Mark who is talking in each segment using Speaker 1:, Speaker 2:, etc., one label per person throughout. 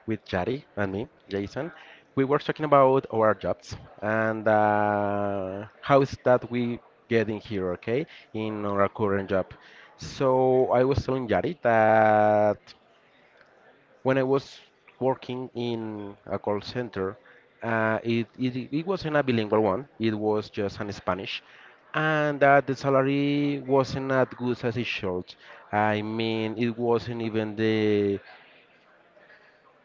Speaker 1: with Jari and me, Jason. We were talking about our jobs and how is that we get in here, okay, in our current job. So I was telling Jari that when I was working in a call center, it wasn't a bilingual one. It was just in Spanish, and the salary wasn't as good as it should. I mean, it wasn't even the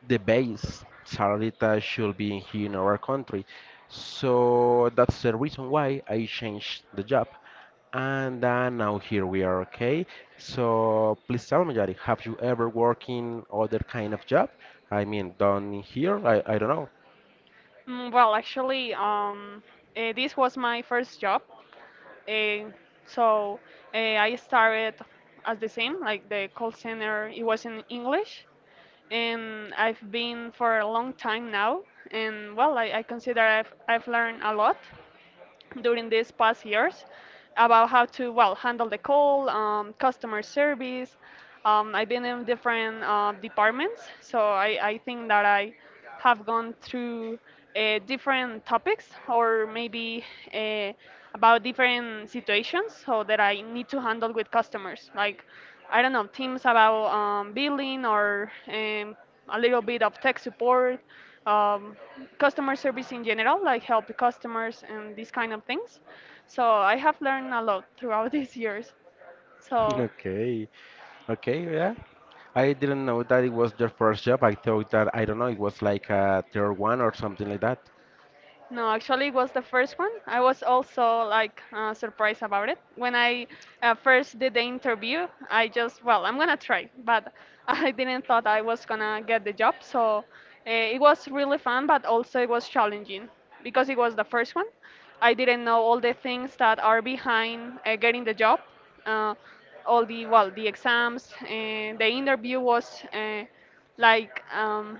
Speaker 1: the base salary that should be here in our country. So that's the reason why I changed the job. And now here we are, okay? So please tell me, Yari, have you ever worked in other kind of job? I mean, done here? I don't know.
Speaker 2: Mm, well, actually, um, this was my first job. Uh, so I started as the same, like the call center, it was in English. And I've been for a long time now. And well, I consider I've learned a lot during these past years about how to, well, handle the call, customer service. I've been in different departments, so I think that I have gone through different topics or maybe uh, about different situations so that I need to handle with customers. Like, I don't know, teams about billing or a little bit of tech support, um, customer service in general, like help the customers and these kind of things. So I have learned a lot throughout these years. So
Speaker 1: Okay, okay, yeah. I didn't know that it was your first job. I thought that, I don't know, it was like a third one or something like that.
Speaker 2: no, actually, it was the first one. I was also like surprised about it. When I first did the interview, I just, well, I'm gonna try, but I didn't thought I was gonna get the job. So it was really fun, but also it was challenging because it was the first one. I didn't know all the things that are behind getting the job. Uh, all the well, the exams and the interview was. Like um,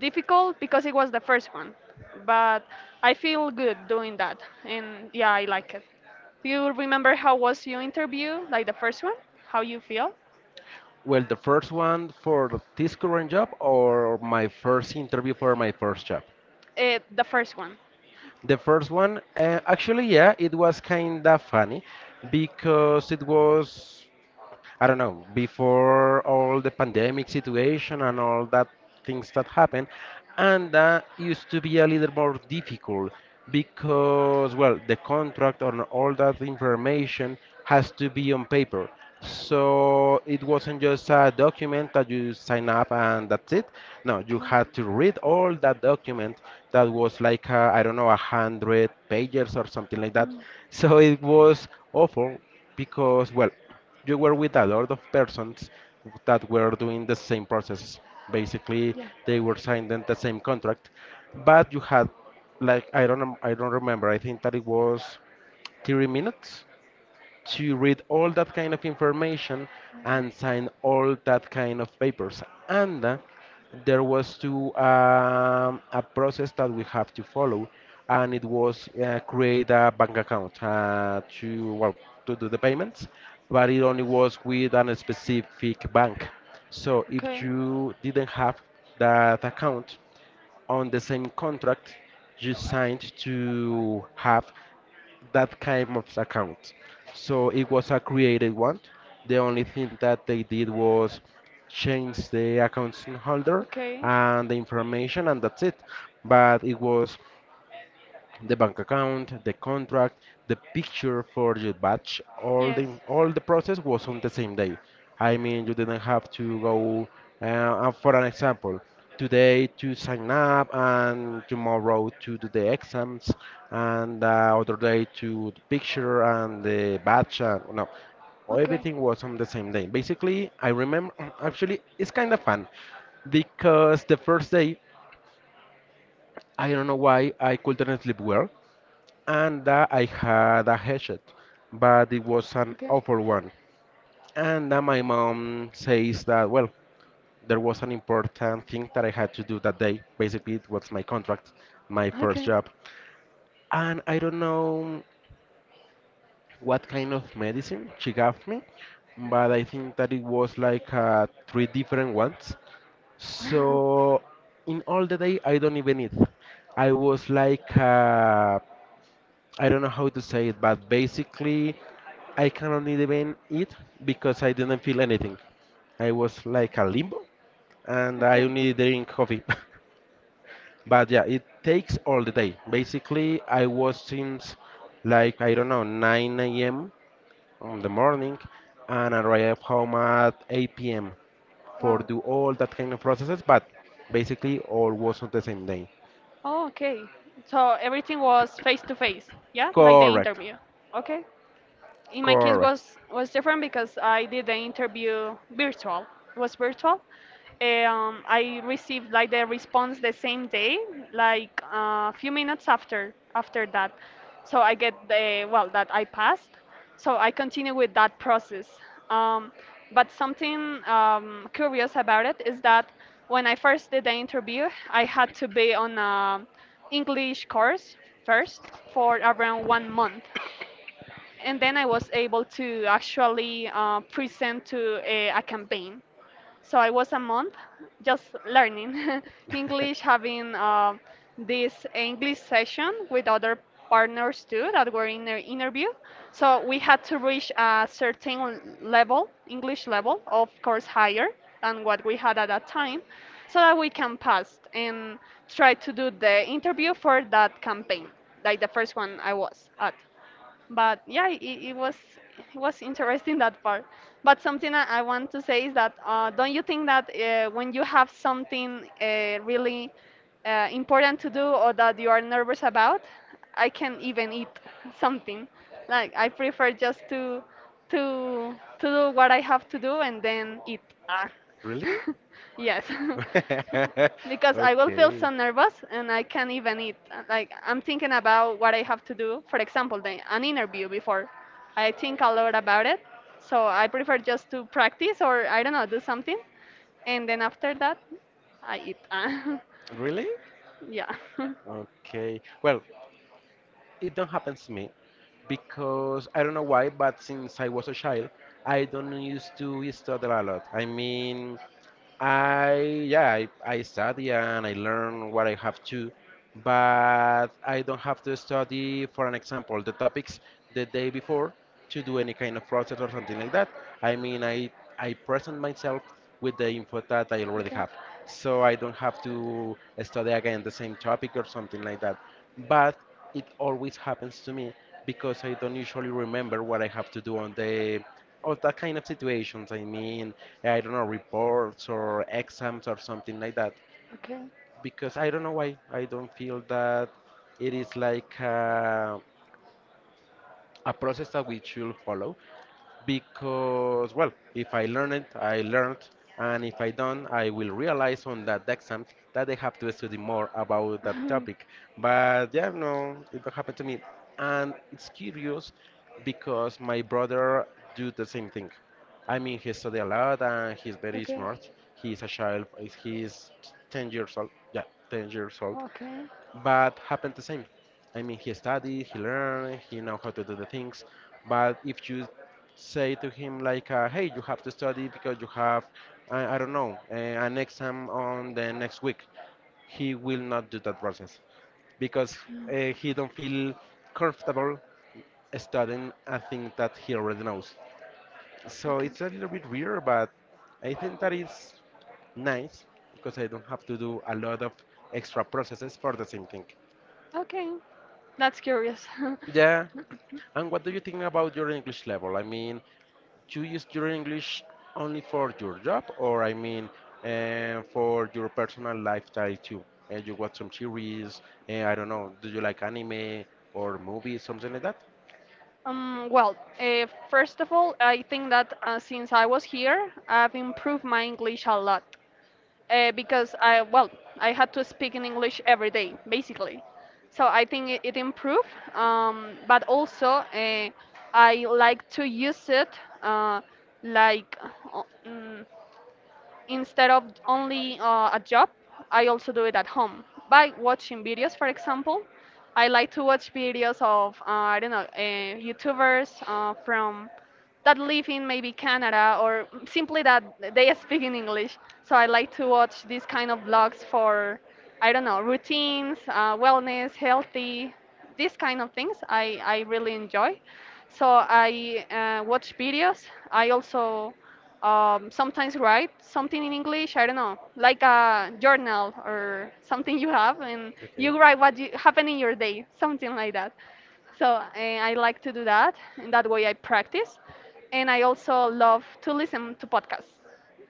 Speaker 2: Difficult because it was the first one, but I feel good doing that, and yeah, I like it. Do you remember how was your interview, like the first one? How you feel?
Speaker 1: Well, the first one for this current job or my first interview for my first job?
Speaker 2: The first one.
Speaker 1: The first one, actually, yeah, it was kind of funny because it was. I don't know, before all the pandemic situation and all that things that happened, and that used to be a little more difficult because, well, the contract and all that information has to be on paper. So it wasn't just a document that you sign up and that's it. No, you
Speaker 2: Okay.
Speaker 1: had to read all that document that was like, I don't know, 100 pages or something like that. So it was awful because, well, you were with a lot of persons that were doing the same process. Basically,
Speaker 2: Yeah.
Speaker 1: they were signing the same contract, but you had like I don't remember. I think that it was 30 minutes to read all that kind of information and sign all that kind of papers. And there was to a process that we have to follow, and it was create a bank account to well to do the payments, but it only was with a specific bank. So if
Speaker 2: Okay.
Speaker 1: you didn't have that account, on the same contract you signed to have that kind of account. So it was a created one. The only thing that they did was change the account holder
Speaker 2: Okay.
Speaker 1: and the information, and that's it. But it was the bank account, the contract, the picture for your batch, all the
Speaker 2: Yes.
Speaker 1: all the process was on the same day. I mean, you didn't have to go. Uh, for an example, today to sign up and tomorrow to do the exams and other day to the picture and the batch. And, no,
Speaker 2: Okay.
Speaker 1: everything was on the same day. Basically, I remember. Actually, it's kind of fun because the first day I don't know why I couldn't sleep well and that I had a hatchet, but it was an
Speaker 2: Okay.
Speaker 1: awful one. And that my mom says that, well, there was an important thing that I had to do that day. Basically, it was my contract, my first
Speaker 2: Okay.
Speaker 1: job. And I don't know what kind of medicine she gave me, but I think that it was like three different ones. So in all the day, I don't even eat. I was like I don't know how to say it, but basically, I cannot even eat because I didn't feel anything. I was like a limbo, and I
Speaker 2: Okay.
Speaker 1: only drink coffee. But yeah, it takes all the day. Basically, I was since like I don't know 9 a.m. on the morning, and I arrived home at 8 p.m. for
Speaker 2: Wow.
Speaker 1: do all that kind of processes. But basically, all was on the same day.
Speaker 2: Oh, okay. So everything was face to face. Yeah, like the
Speaker 1: Correct.
Speaker 2: interview. Okay. In my case
Speaker 1: Correct.
Speaker 2: was different because I did the interview virtual. It was virtual. I received like the response the same day, like a few minutes after that. So I get the well that I passed. So I continue with that process. Um, but something curious about it is that when I first did the interview, I had to be on a English course first for around 1 month, and then I was able to actually present to a campaign. So I was a month just learning English, having this English session with other partners too that were in the interview. So we had to reach a certain level, English level, of course higher than what we had at that time, so that we can pass and try to do the interview for that campaign, like the first one I was at, but yeah it was interesting that part. But something I want to say is that don't you think that when you have something really important to do or that you are nervous about, I can even eat something. Like I prefer just to to do what I have to do and then eat ah.
Speaker 1: Really?
Speaker 2: Yes. Because I will feel
Speaker 1: Okay.
Speaker 2: so nervous and I can't even eat. Like I'm thinking about what I have to do. For example, an interview before, I think a lot about it. So I prefer just to practice or I don't know, do something, and then after that, I eat.
Speaker 1: Really?
Speaker 2: Yeah.
Speaker 1: Okay. Well, it don't happen to me because I don't know why, but since I was a child, I don't used to study a lot. I mean, I study and I learn what I have to, but I don't have to study, for an example, the topics the day before to do any kind of process or something like that. I mean, I present myself with the info that I already
Speaker 2: Okay,
Speaker 1: have, so I don't have to study again the same topic or something like that. But it always happens to me because I don't usually remember what I have to do on the all that kind of situations. I mean, I don't know, reports or exams or something like that.
Speaker 2: okay.
Speaker 1: Because I don't know why I don't feel that it is like a process that we should follow because well if I learn it I learned, and if I don't I will realize on that exam that I have to study more about that
Speaker 2: Mm,
Speaker 1: topic, but yeah no it don't happen to me, and it's curious because my brother do the same thing. I mean he study a lot and he's very
Speaker 2: okay,
Speaker 1: smart, he's a child, he's 10 years old, yeah, 10 years old,
Speaker 2: okay,
Speaker 1: but happened the same. I mean, he studied, he learned, he know how to do the things. But if you say to him like, "Hey, you have to study because you have, I don't know, an exam on the next week," he will not do that process because he don't feel comfortable studying a thing that he already knows. So
Speaker 2: okay,
Speaker 1: it's a little bit weird, but I think that is nice because I don't have to do a lot of extra processes for the same thing.
Speaker 2: okay. That's curious.
Speaker 1: Yeah, and what do you think about your English level? I mean, do you use your English only for your job, or I mean, for your personal lifestyle too? You watch some series, I don't know, do you like anime or movies, something like that?
Speaker 2: First of all, I think that since I was here, I've improved my English a lot because well, I had to speak in English every day, basically. So I think it improved. But also I like to use it uh, like uh, mm, instead of only a job. I also do it at home by watching videos, for example. I like to watch videos of, I don't know, YouTubers from that live in maybe Canada or simply that they speak in English. So I like to watch these kind of vlogs for, I don't know, routines, wellness, healthy, these kind of things I really enjoy. So I watch videos. I also sometimes write something in English, I don't know, like a journal or something you have, and
Speaker 1: Okay.
Speaker 2: you write what you, happened in your day, something like that. So eh, I like to do that, and that way I practice. And I also love to listen to podcasts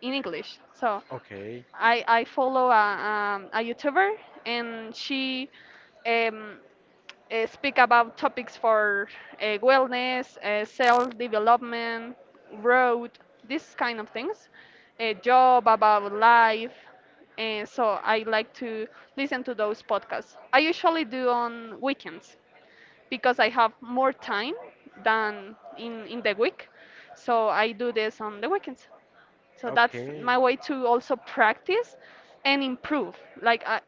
Speaker 2: in English. So
Speaker 1: Okay.
Speaker 2: I follow a YouTuber, and she um, speak about topics for wellness, self development, growth, these kind of things, a job, about life. And so I like to listen to those podcasts. I usually do on weekends because I have more time than in the week. So I do this on the weekends. So that's
Speaker 1: Okay.
Speaker 2: my way to also practice and improve. Like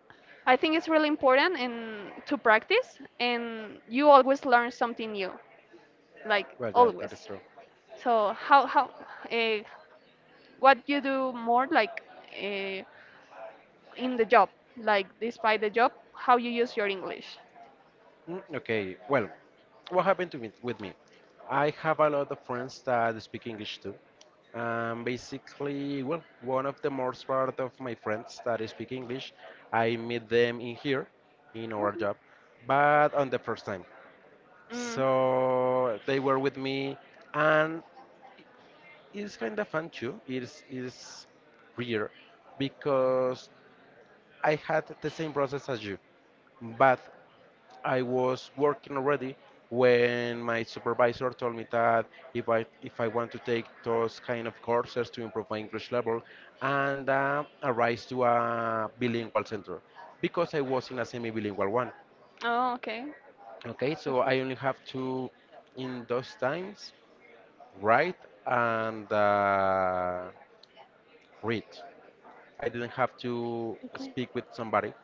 Speaker 2: I think it's really important and to practice, and you always learn something new, like
Speaker 1: Well, yeah,
Speaker 2: always.
Speaker 1: that is true.
Speaker 2: So how uh, what you do more like uh, in the job, like despite the job, how you use your English.
Speaker 1: Mm, okay. Well, what happened to me with me? I have a lot of friends that speak English too. Basically, well, one of the most part of my friends that speak English, I meet them in here, in our
Speaker 2: Okay.
Speaker 1: job, but on the first time.
Speaker 2: Mm.
Speaker 1: So they were with me, and it's kind of fun too. It's weird because I had the same process as you, but I was working already when my supervisor told me that if I want to take those kind of courses to improve my English level and arise to a bilingual center because I was in a semi-bilingual one.
Speaker 2: Oh, okay.
Speaker 1: Okay,
Speaker 2: So-
Speaker 1: so I only have to in those times write and read. I didn't have to
Speaker 2: Okay.
Speaker 1: speak with somebody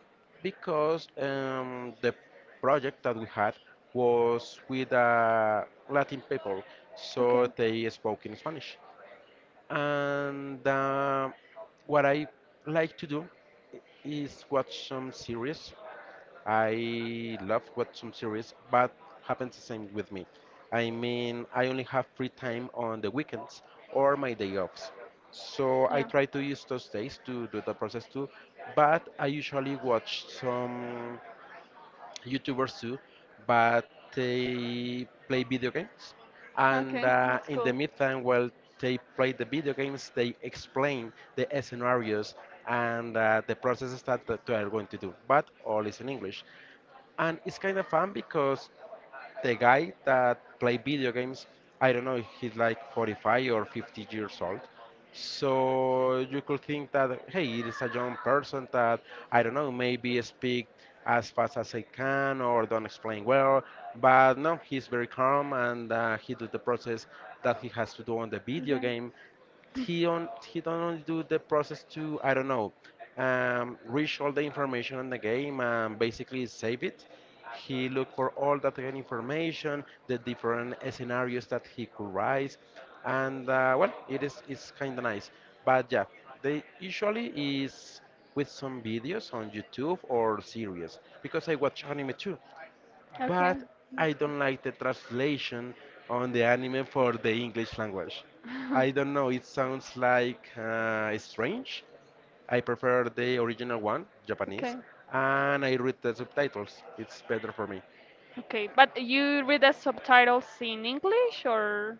Speaker 1: because the project that we had was with Latin people,
Speaker 2: Okay.
Speaker 1: so they spoke in Spanish. And what I like to do is watch some series. I love watch some series, but happens the same with me. I mean, I only have free time on the weekends or my day offs. So I
Speaker 2: Yeah.
Speaker 1: try to use those days to do the process too, but I usually watch some YouTubers too, but they play video games. And
Speaker 2: Okay, that's
Speaker 1: in the
Speaker 2: cool.
Speaker 1: meantime, while they play the video games, they explain the scenarios and the processes that they are going to do, but all is in English, and it's kind of fun because the guy that play video games, I don't know, he's like 45 or 50 years old, so you could think that hey it is a young person that I don't know maybe speak as fast as I can or don't explain well, but no, he's very calm, and he do the process that he has to do on the video game. He on he don't do the process to I don't know reach all the information on the game and basically save it. He looked for all that kind of information, the different scenarios that he could rise, and well, it is it's kind of nice. But yeah, they usually is with some videos on YouTube or series because I watch anime too,
Speaker 2: Okay,
Speaker 1: but I
Speaker 2: that's cool.
Speaker 1: don't like the translation on the anime for the English language. I don't know, it sounds like strange. I prefer the original one, Japanese,
Speaker 2: Okay,
Speaker 1: and I read the subtitles. It's better for me.
Speaker 2: okay, but you read the subtitles in English or?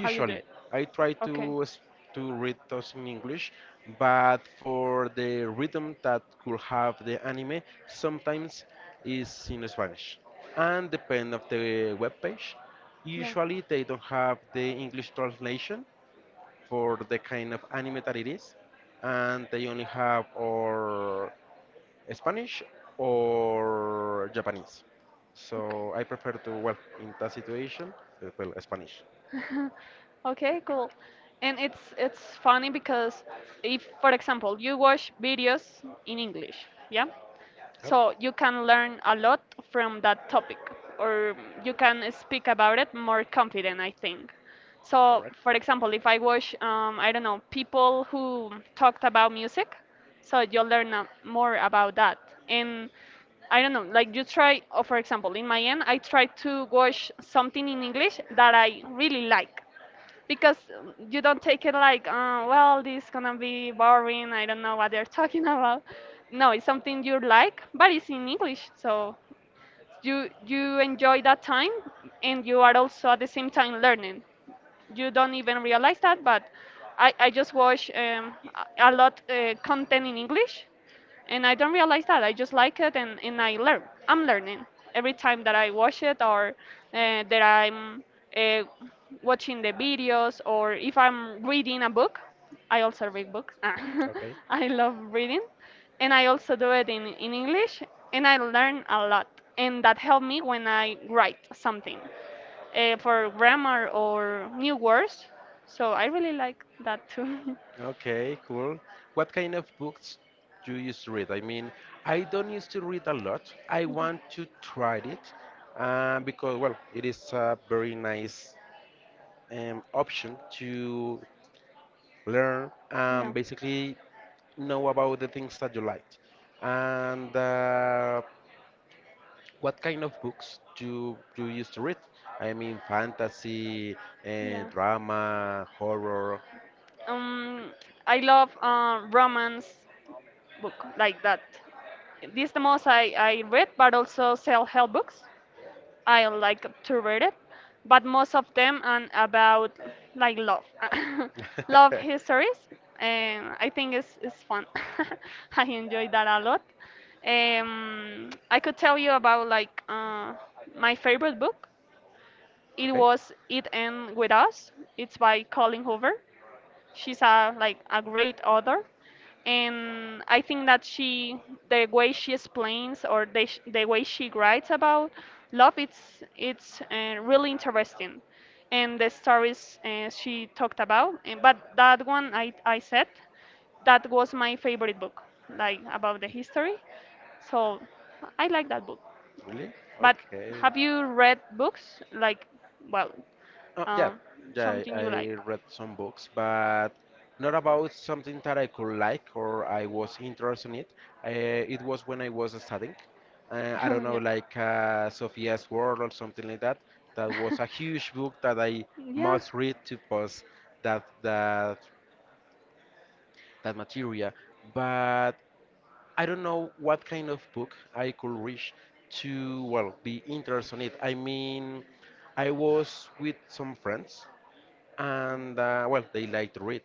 Speaker 2: How you do it?
Speaker 1: I try
Speaker 2: Okay.
Speaker 1: to to read those in English, but for the rhythm that could have the anime, sometimes is in Spanish. And depend of the web page,
Speaker 2: Yeah.
Speaker 1: usually
Speaker 2: Okay.
Speaker 1: they don't have the English translation for the kind of anime that it is, and they only have or Spanish or Japanese. So I prefer to well in that situation, well Spanish.
Speaker 2: Okay, cool. And it's funny because if, for example, you watch videos in English, yeah? So you can learn a lot from that topic, or you can speak about it more confident, I think. So,
Speaker 1: Correct.
Speaker 2: for example, if I watch, I don't know, people who talked about music, so you'll learn more about that. And I don't know, like you try, or for example, in my end, I try to watch something in English that I really like because you don't take it like, well, this gonna be boring. I don't know what they're talking about. No, it's something you like, but it's in English, so you enjoy that time, and you are also at the same time learning. You don't even realize that, but I just watch a lot content in English and I don't realize that. I just like it, and I learn. I'm learning every time that I watch it, or that I'm uh, watching the videos, or if I'm reading a book. I also read books. Ah,
Speaker 1: Okay.
Speaker 2: I love reading, and I also do it in English, and I learn a lot, and that helped me when I write something for grammar or new words. So I really like that too.
Speaker 1: Okay, cool. What kind of books do you used to read? I mean, I don't used to read a lot. I want to try it because, well, it is a very nice option to learn
Speaker 2: Yeah.
Speaker 1: and basically know about the things that you like. And What kind of books do you used to read? I mean, fantasy,
Speaker 2: Yeah.
Speaker 1: drama, horror.
Speaker 2: Um, I love romance book like that. This the most I read, but also self-help books. I like to read it, but most of them are about like love, love histories, and I think it's fun. I enjoy that a lot. I could tell you about like my favorite book. It
Speaker 1: Okay,
Speaker 2: was It End With Us. It's by Colleen Hoover. She's a like a great author. And I think that she, the way she explains or the, the way she writes about love, it's really interesting, and the stories she talked about. And, but that one I said that was my favorite book, like about the history. So I like that book.
Speaker 1: really?
Speaker 2: But
Speaker 1: Okay.
Speaker 2: have you read books? Like, well,
Speaker 1: Yeah,
Speaker 2: uh,
Speaker 1: yeah,
Speaker 2: something
Speaker 1: I,
Speaker 2: you like.
Speaker 1: I read some books, but not about something that I could like or I was interested in it. It was when I was studying. I don't know,
Speaker 2: Yeah.
Speaker 1: like Sophia's World or something like that. That was a huge book that I
Speaker 2: Yeah.
Speaker 1: must read to pass that that that material. But I don't know what kind of book I could reach to, well, be interested in it. I mean, I was with some friends, and well, they like to read.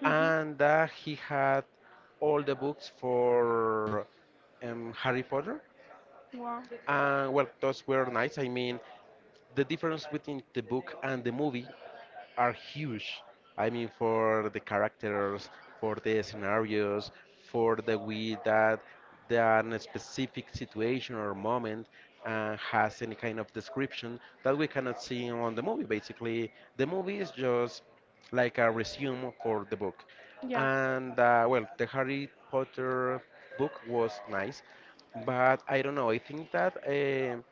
Speaker 2: Hmm.
Speaker 1: And He had all the books for Harry Potter.
Speaker 2: Wow.
Speaker 1: And well, those were nice. I mean, the difference between the book and the movie are huge. I mean, for the characters, for the scenarios, for the way that the specific situation or moment has any kind of description that we cannot see on the movie. Basically, the movie is just like a resume for the book.
Speaker 2: Yeah.
Speaker 1: And Well, the Harry Potter book was nice, but I don't know. I think that.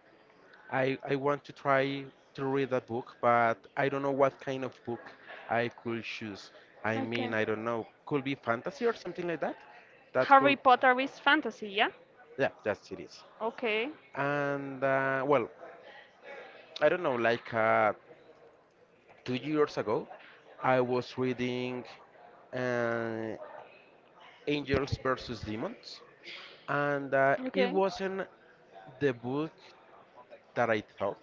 Speaker 1: I want to try to read that book, but I don't know what kind of book I could choose. I mean,
Speaker 2: Okay.
Speaker 1: I don't know. Could be fantasy or something like that? That
Speaker 2: Harry
Speaker 1: could,
Speaker 2: Potter is fantasy, yeah?
Speaker 1: yeah, that's it is.
Speaker 2: Okay.
Speaker 1: Well, I don't know, like 2 years ago, I was reading uh, Angels versus Demons, and it
Speaker 2: Okay.
Speaker 1: wasn't the book that I thought.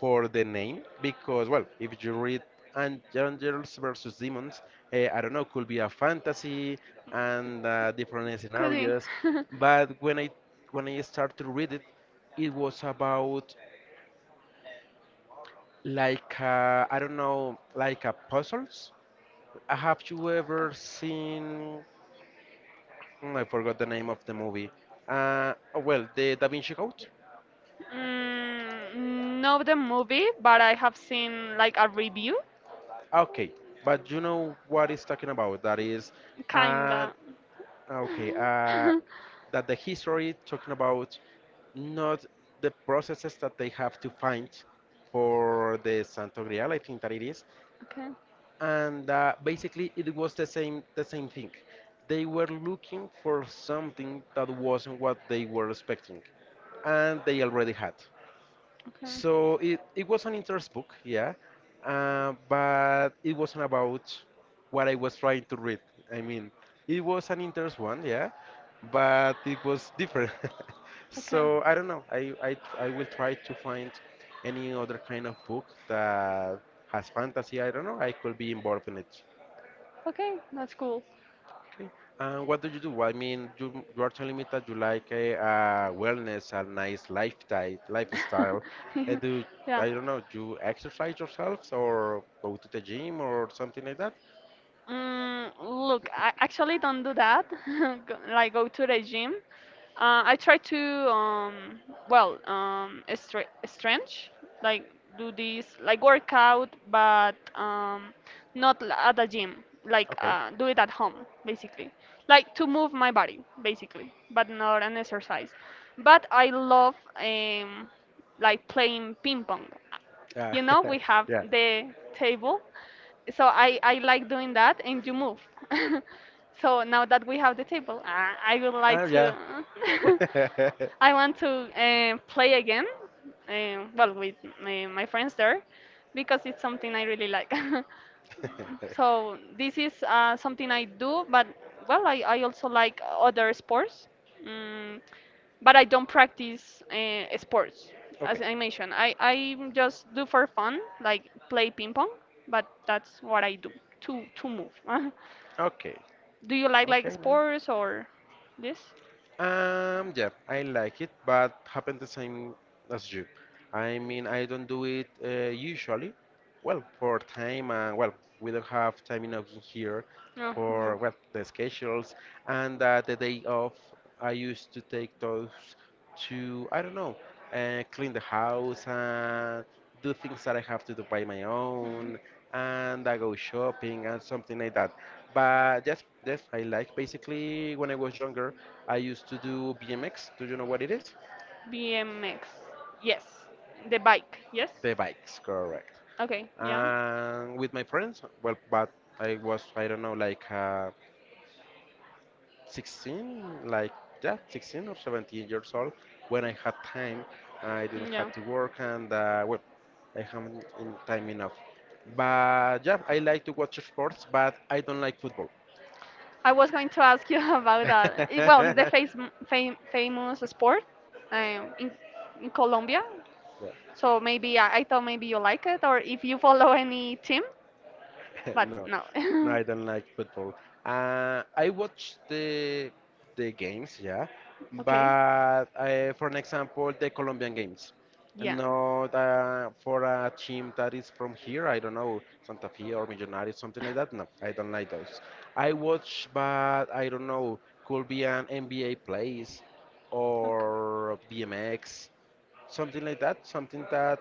Speaker 1: For the name because, well, if you read Angels versus Demons, I don't know, could be a fantasy and different
Speaker 2: Could be.
Speaker 1: scenarios. But when I started to read it, it was about like I don't know, like a puzzles. Have you ever seen? I forgot the name of the movie. Oh, well, the Da Vinci Code.
Speaker 2: Mm, not the movie, but I have seen like a review.
Speaker 1: Okay, but you know what it's talking about. That is, uh,
Speaker 2: Kinda.
Speaker 1: okay, that the history talking about not the processes that they have to find for the Santo Grial, I think that it is,
Speaker 2: Okay.
Speaker 1: and basically it was the same thing. They were looking for something that wasn't what they were expecting, and they already had.
Speaker 2: Okay.
Speaker 1: So it was an interest book, yeah, but it wasn't about what I was trying to read. I mean, it was an interest one, yeah, but it was different.
Speaker 2: Okay.
Speaker 1: So I don't know. I will try to find any other kind of book that has fantasy. I don't know. I could be involved in it.
Speaker 2: Okay. That's cool.
Speaker 1: Okay. And what do you do? I mean, you are telling me that you like a wellness and nice lifestyle. Lifestyle.
Speaker 2: Yeah.
Speaker 1: Do
Speaker 2: Yeah.
Speaker 1: I don't know? You exercise yourselves or go to the gym or something like that?
Speaker 2: Mm, look, I actually don't do that. Go- like go to the gym. I try to um, stretch, like do this like workout, but not at the gym. Like
Speaker 1: Okay.
Speaker 2: do it at home, basically. Like to move my body, basically, but not an exercise. But I love like playing ping pong,
Speaker 1: Yeah.
Speaker 2: you know, we have
Speaker 1: Yeah.
Speaker 2: the table, so I like doing that and you move. So now that we have the table, I would like
Speaker 1: Oh yeah.
Speaker 2: to, I want to play again, well with my friends there because it's something I really like. So this is something I do, but well I also like other sports. Mm. But I don't practice sports.
Speaker 1: Okay.
Speaker 2: As I mentioned, I just do for fun, like play ping pong, but that's what I do to move.
Speaker 1: Okay.
Speaker 2: Do you like
Speaker 1: Okay. No.
Speaker 2: sports or this?
Speaker 1: Yeah, I like it, but happen the same as you. I mean, I don't do it usually. Well, for time, well, we don't have time enough in here
Speaker 2: No,
Speaker 1: for
Speaker 2: no.
Speaker 1: well the schedules and the day off. I used to take those to I don't know, clean the house and do things that I have to do by my
Speaker 2: Mm.
Speaker 1: own, and I go shopping and something like that. But yes, yes, I like. Basically, when I was younger, I used to do BMX. Do you know what it is?
Speaker 2: BMX. Yes. The bike. Yes.
Speaker 1: The bikes, correct.
Speaker 2: Okay. Yeah.
Speaker 1: And with my friends, well, but I was, I don't know, like. 16, like yeah, 16 or 17 years old when I had time. I didn't
Speaker 2: Yeah.
Speaker 1: have to work and well, I have in time enough. But yeah, I like to watch sports, but I don't like football.
Speaker 2: I was going to ask you about that. It- well, it's the face, famous sport um, in, in Colombia.
Speaker 1: Yeah.
Speaker 2: So maybe I thought maybe you like it or if you follow any team, but
Speaker 1: No,
Speaker 2: no.
Speaker 1: no, I don't like football. I watch the games, yeah,
Speaker 2: Okay.
Speaker 1: but for an example, the Colombian games,
Speaker 2: Yeah.
Speaker 1: not for a team that is from here. I don't know, Santa Fe or Millonarios, something like that. No, I don't like those. I watch, but I don't know, could be an NBA plays
Speaker 2: Okay.
Speaker 1: or BMX, something like that, something that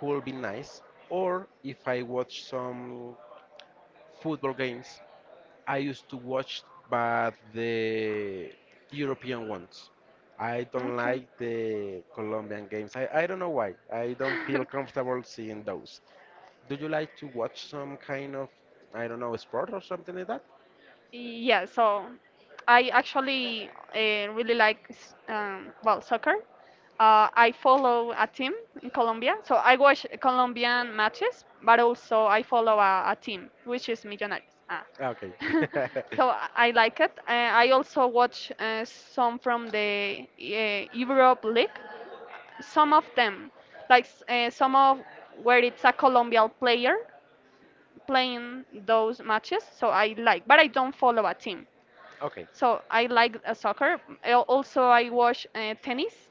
Speaker 1: could be nice. Or if I watch some football games. I used to watch, but the European ones. I don't
Speaker 2: Okay.
Speaker 1: like the Colombian games. I don't know why. I don't feel comfortable seeing those. Do you like to watch some kind of, I don't know, sport or something like that?
Speaker 2: Yeah, so I actually really like well soccer. I follow a team in Colombia, so I watch Colombian matches, but also I follow a team which is Millonarios. Ah.
Speaker 1: Ah, okay.
Speaker 2: so I I like it. I also watch some from the Europe League. Some of them, like some of where it's a Colombian player playing those matches, so I like, but I don't follow a team.
Speaker 1: Okay,
Speaker 2: So I like soccer. Also, I watch tennis.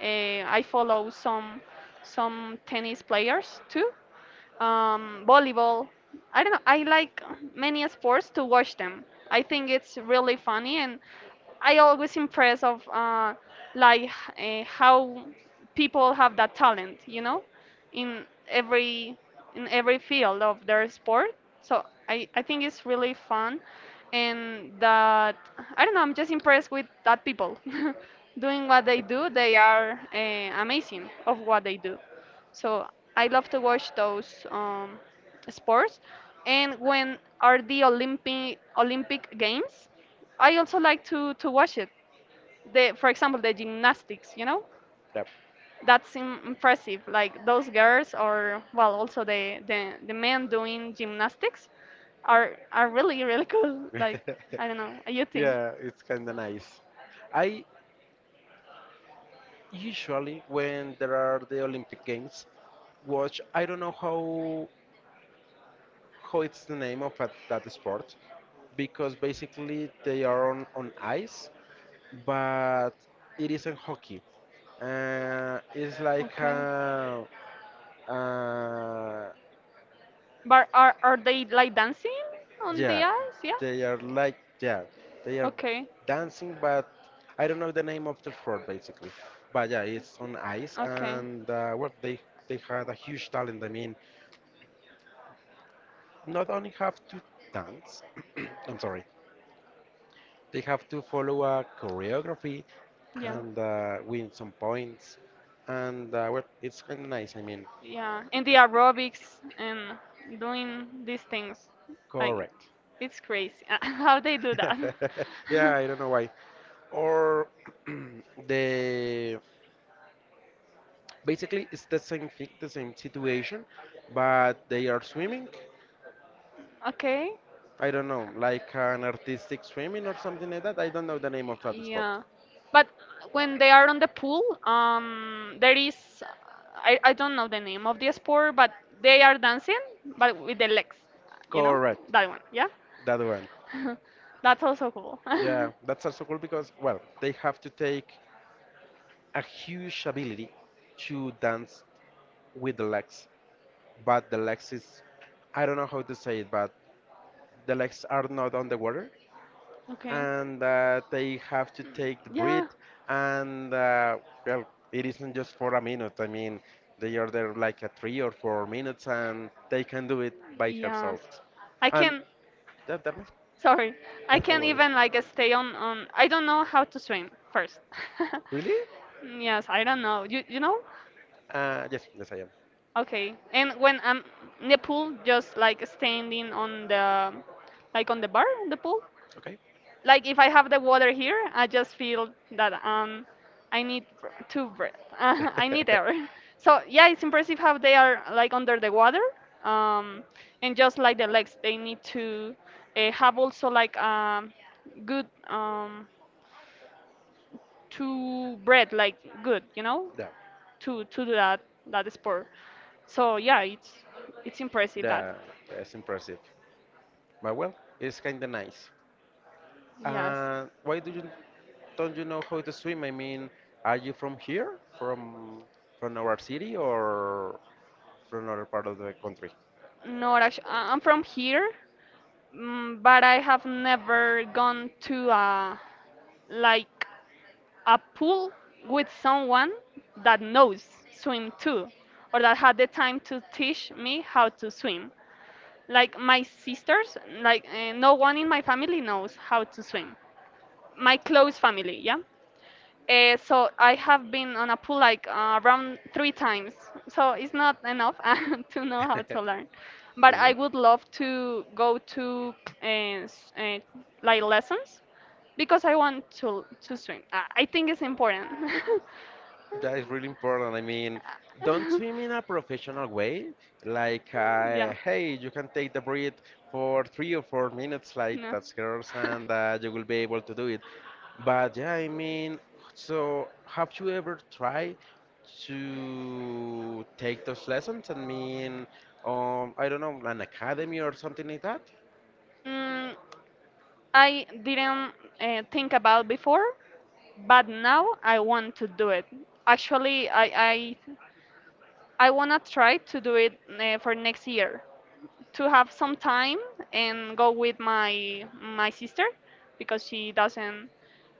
Speaker 2: I follow some tennis players too. Volleyball. I don't know. I like many sports to watch them. I think it's really funny and I always impressed of like h- how people have that talent, in every in every field of their sport. So I think it's really fun, and that I don't know. I'm just impressed with that people doing what they do. They are amazing of what they do. So I love to watch those sports. And when are the Olympic Games? I also like to watch it. The For example, the gymnastics,
Speaker 1: yep.
Speaker 2: that's impressive. Like those girls, or well also the men doing gymnastics are really really cool. Like I don't know, you think?
Speaker 1: Yeah, it's kind of nice. I usually, when there are the Olympic Games, watch. I don't know how it's the name of that sport because basically they are on ice, but it isn't hockey. It's like
Speaker 2: Okay.
Speaker 1: a, uh,
Speaker 2: But are they like dancing on the
Speaker 1: yeah,
Speaker 2: ice? Yeah.
Speaker 1: they are like yeah, they are
Speaker 2: Okay.
Speaker 1: dancing, but I don't know the name of the sport basically. But yeah, it's on ice,
Speaker 2: Okay.
Speaker 1: and well, they had a huge talent. I mean, not only have to dance, I'm sorry, they have to follow a choreography
Speaker 2: Yeah.
Speaker 1: and win some points, and well, it's kind of nice. I mean,
Speaker 2: Yeah, and the aerobics and doing these things like,
Speaker 1: correct.
Speaker 2: it's crazy how they do that.
Speaker 1: Yeah, I don't know why. Or the basically, it's the same thing, the same situation, but they are swimming.
Speaker 2: Okay.
Speaker 1: I don't know, like an artistic swimming or something like that. I don't know the name of that sport.
Speaker 2: Yeah, but when they are on the pool, there is, I don't know the name of the sport, but they are dancing, but with the legs, you know,
Speaker 1: Correct,
Speaker 2: that one. Yeah.
Speaker 1: that one.
Speaker 2: That's also cool.
Speaker 1: Yeah, that's also cool because, well, they have to take a huge ability to dance with the legs, but the legs is, I don't know how to say it, but the legs are not on the water,
Speaker 2: Okay.
Speaker 1: and that they have to take the
Speaker 2: Yeah.
Speaker 1: breath and well, it isn't just for a minute. I mean they are there like a 3 or 4 minutes, and they can do it by
Speaker 2: Yes.
Speaker 1: herself.
Speaker 2: I
Speaker 1: And
Speaker 2: can,
Speaker 1: that was
Speaker 2: sorry, I
Speaker 1: that
Speaker 2: can not
Speaker 1: was-
Speaker 2: even like stay I don't know how to swim first.
Speaker 1: really?
Speaker 2: Yes, I don't know. You know?
Speaker 1: Yes, yes, I am.
Speaker 2: Okay. And when I'm in the pool, just like standing like on the bar in the pool,
Speaker 1: Okay.
Speaker 2: like if I have the water here, I just feel that I need to breathe. I need air. So yeah, it's impressive how they are like under the water. Um, and just like the legs, they need to have also like good to breathe, like good,
Speaker 1: Yeah,
Speaker 2: to do that sport. So yeah, it's impressive that.
Speaker 1: yeah, it's impressive, but well, it's kind of nice.
Speaker 2: Yes.
Speaker 1: Why do you Don't you know how to swim? I mean, are you from here, from our city, or from another part of the country?
Speaker 2: No, actually, I'm from here. But I have never gone to a, like, a pool with someone that knows swim too, or that had the time to teach me how to swim. Like my sisters, like no one in my family knows how to swim. My close family, yeah. So I have been on a pool like around three times. So it's not enough to know how to learn. But I would love to go to uh, s- uh, like lessons because I want to swim. I think it's important.
Speaker 1: That is really important. I mean, don't swim in a professional way. Like,
Speaker 2: Yeah.
Speaker 1: hey, you can take the breath for 3 or 4 minutes, like
Speaker 2: No.
Speaker 1: that's girls, and you will be able to do it. But yeah, I mean, so have you ever tried to take those lessons? I mean, I don't know, an academy or something like that?
Speaker 2: Mm, I didn't think about before, but now I want to do it. Actually, I, I wanna try to do it for next year, to have some time and go with my sister because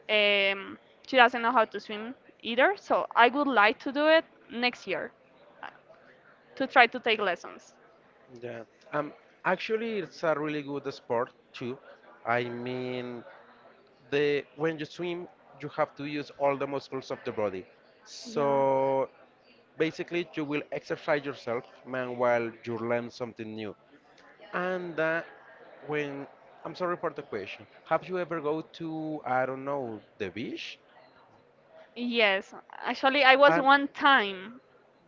Speaker 2: um, she doesn't know how to swim either. So I would like to do it next year, uh, to try to take lessons.
Speaker 1: Yeah. Um, Actually, it's a really good sport too. I mean, the when you swim you have to use all the muscles of the body,
Speaker 2: Yeah.
Speaker 1: so basically you will exercise yourself man while you learn something new, and when I'm sorry for the question. Have you ever go to, I don't know, the beach?
Speaker 2: Yes, actually, I was
Speaker 1: And
Speaker 2: one time,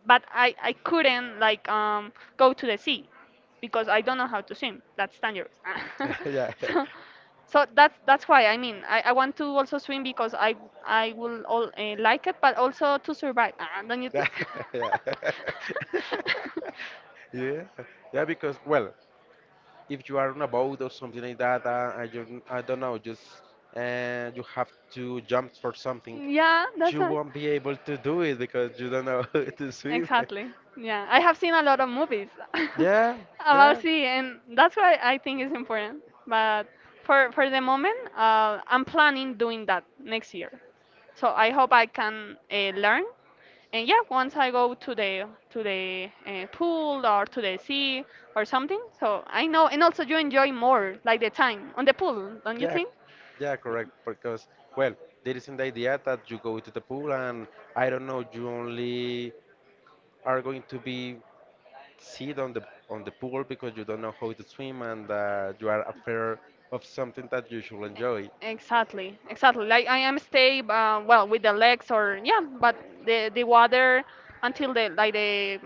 Speaker 2: but I couldn't like go to the sea because I don't know how to swim. That's dangerous.
Speaker 1: yeah,
Speaker 2: so so that's why, I mean, I want to also swim because I will all like it, but also to survive. Ah, don't you
Speaker 1: yeah,
Speaker 2: think?
Speaker 1: yeah, yeah, yeah, because well, if you are on a boat or something like that, I don't know, just you have to jump for something,
Speaker 2: Yeah, that's
Speaker 1: you
Speaker 2: right.
Speaker 1: won't be able to do it because you don't know how to swim.
Speaker 2: Exactly. Yeah, I have seen a lot of movies
Speaker 1: Yeah,
Speaker 2: about
Speaker 1: yeah,
Speaker 2: sea, and that's why I think it's important. But for the moment, I'm planning doing that next year. So I hope I can learn, and yeah, once I go to the pool or to the sea or something, so I know, and also you enjoy more like the time on the pool, don't you
Speaker 1: yeah,
Speaker 2: think?
Speaker 1: yeah, correct. Because, well, there isn't the idea that you go to the pool and I don't know, you only are going to be sit on the pool because you don't know how to swim and you are afraid of something that you should enjoy.
Speaker 2: Exactly, exactly. Like I am stay well with the legs or, yeah, but the water until the, like, the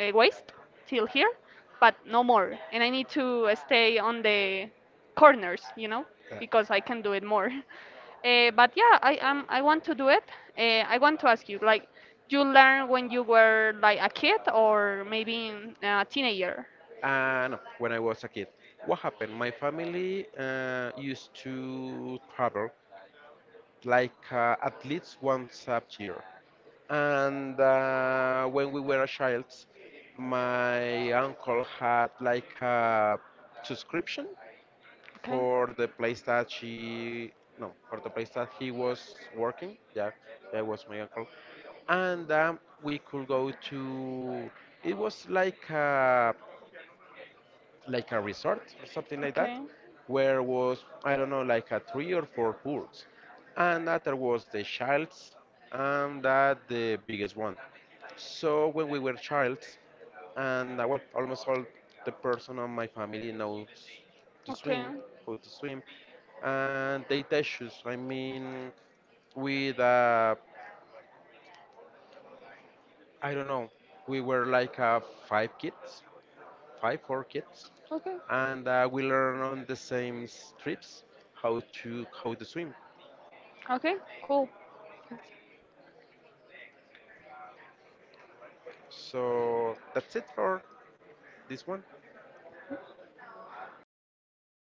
Speaker 2: waist, till here, but no more. And I need to stay on the corners,
Speaker 1: Uh,
Speaker 2: because I can do it more. But yeah, I want to do it. I want to ask you, like, you learn when you were like a kid or maybe teenager?
Speaker 1: No, when I was a kid. What happened? My family used to travel like at least once a year. And When we were a child, my uncle had like a subscription
Speaker 2: Okay,
Speaker 1: for the place that she, no, for the place that he was working. Yeah, that was my uncle. And We could go to, it was like a resort or something like that,
Speaker 2: okay,
Speaker 1: where was I don't know like a three or four pools, and that there was the child's and that the biggest one. So when we were childs, and well, almost all the person on my family knows to
Speaker 2: okay,
Speaker 1: swim, how to swim, and they teach us. I mean, with I don't know, we were like five kids, five, four kids,
Speaker 2: okay.
Speaker 1: and we learn on the same trips how to swim.
Speaker 2: Okay, cool.
Speaker 1: So that's it for this one.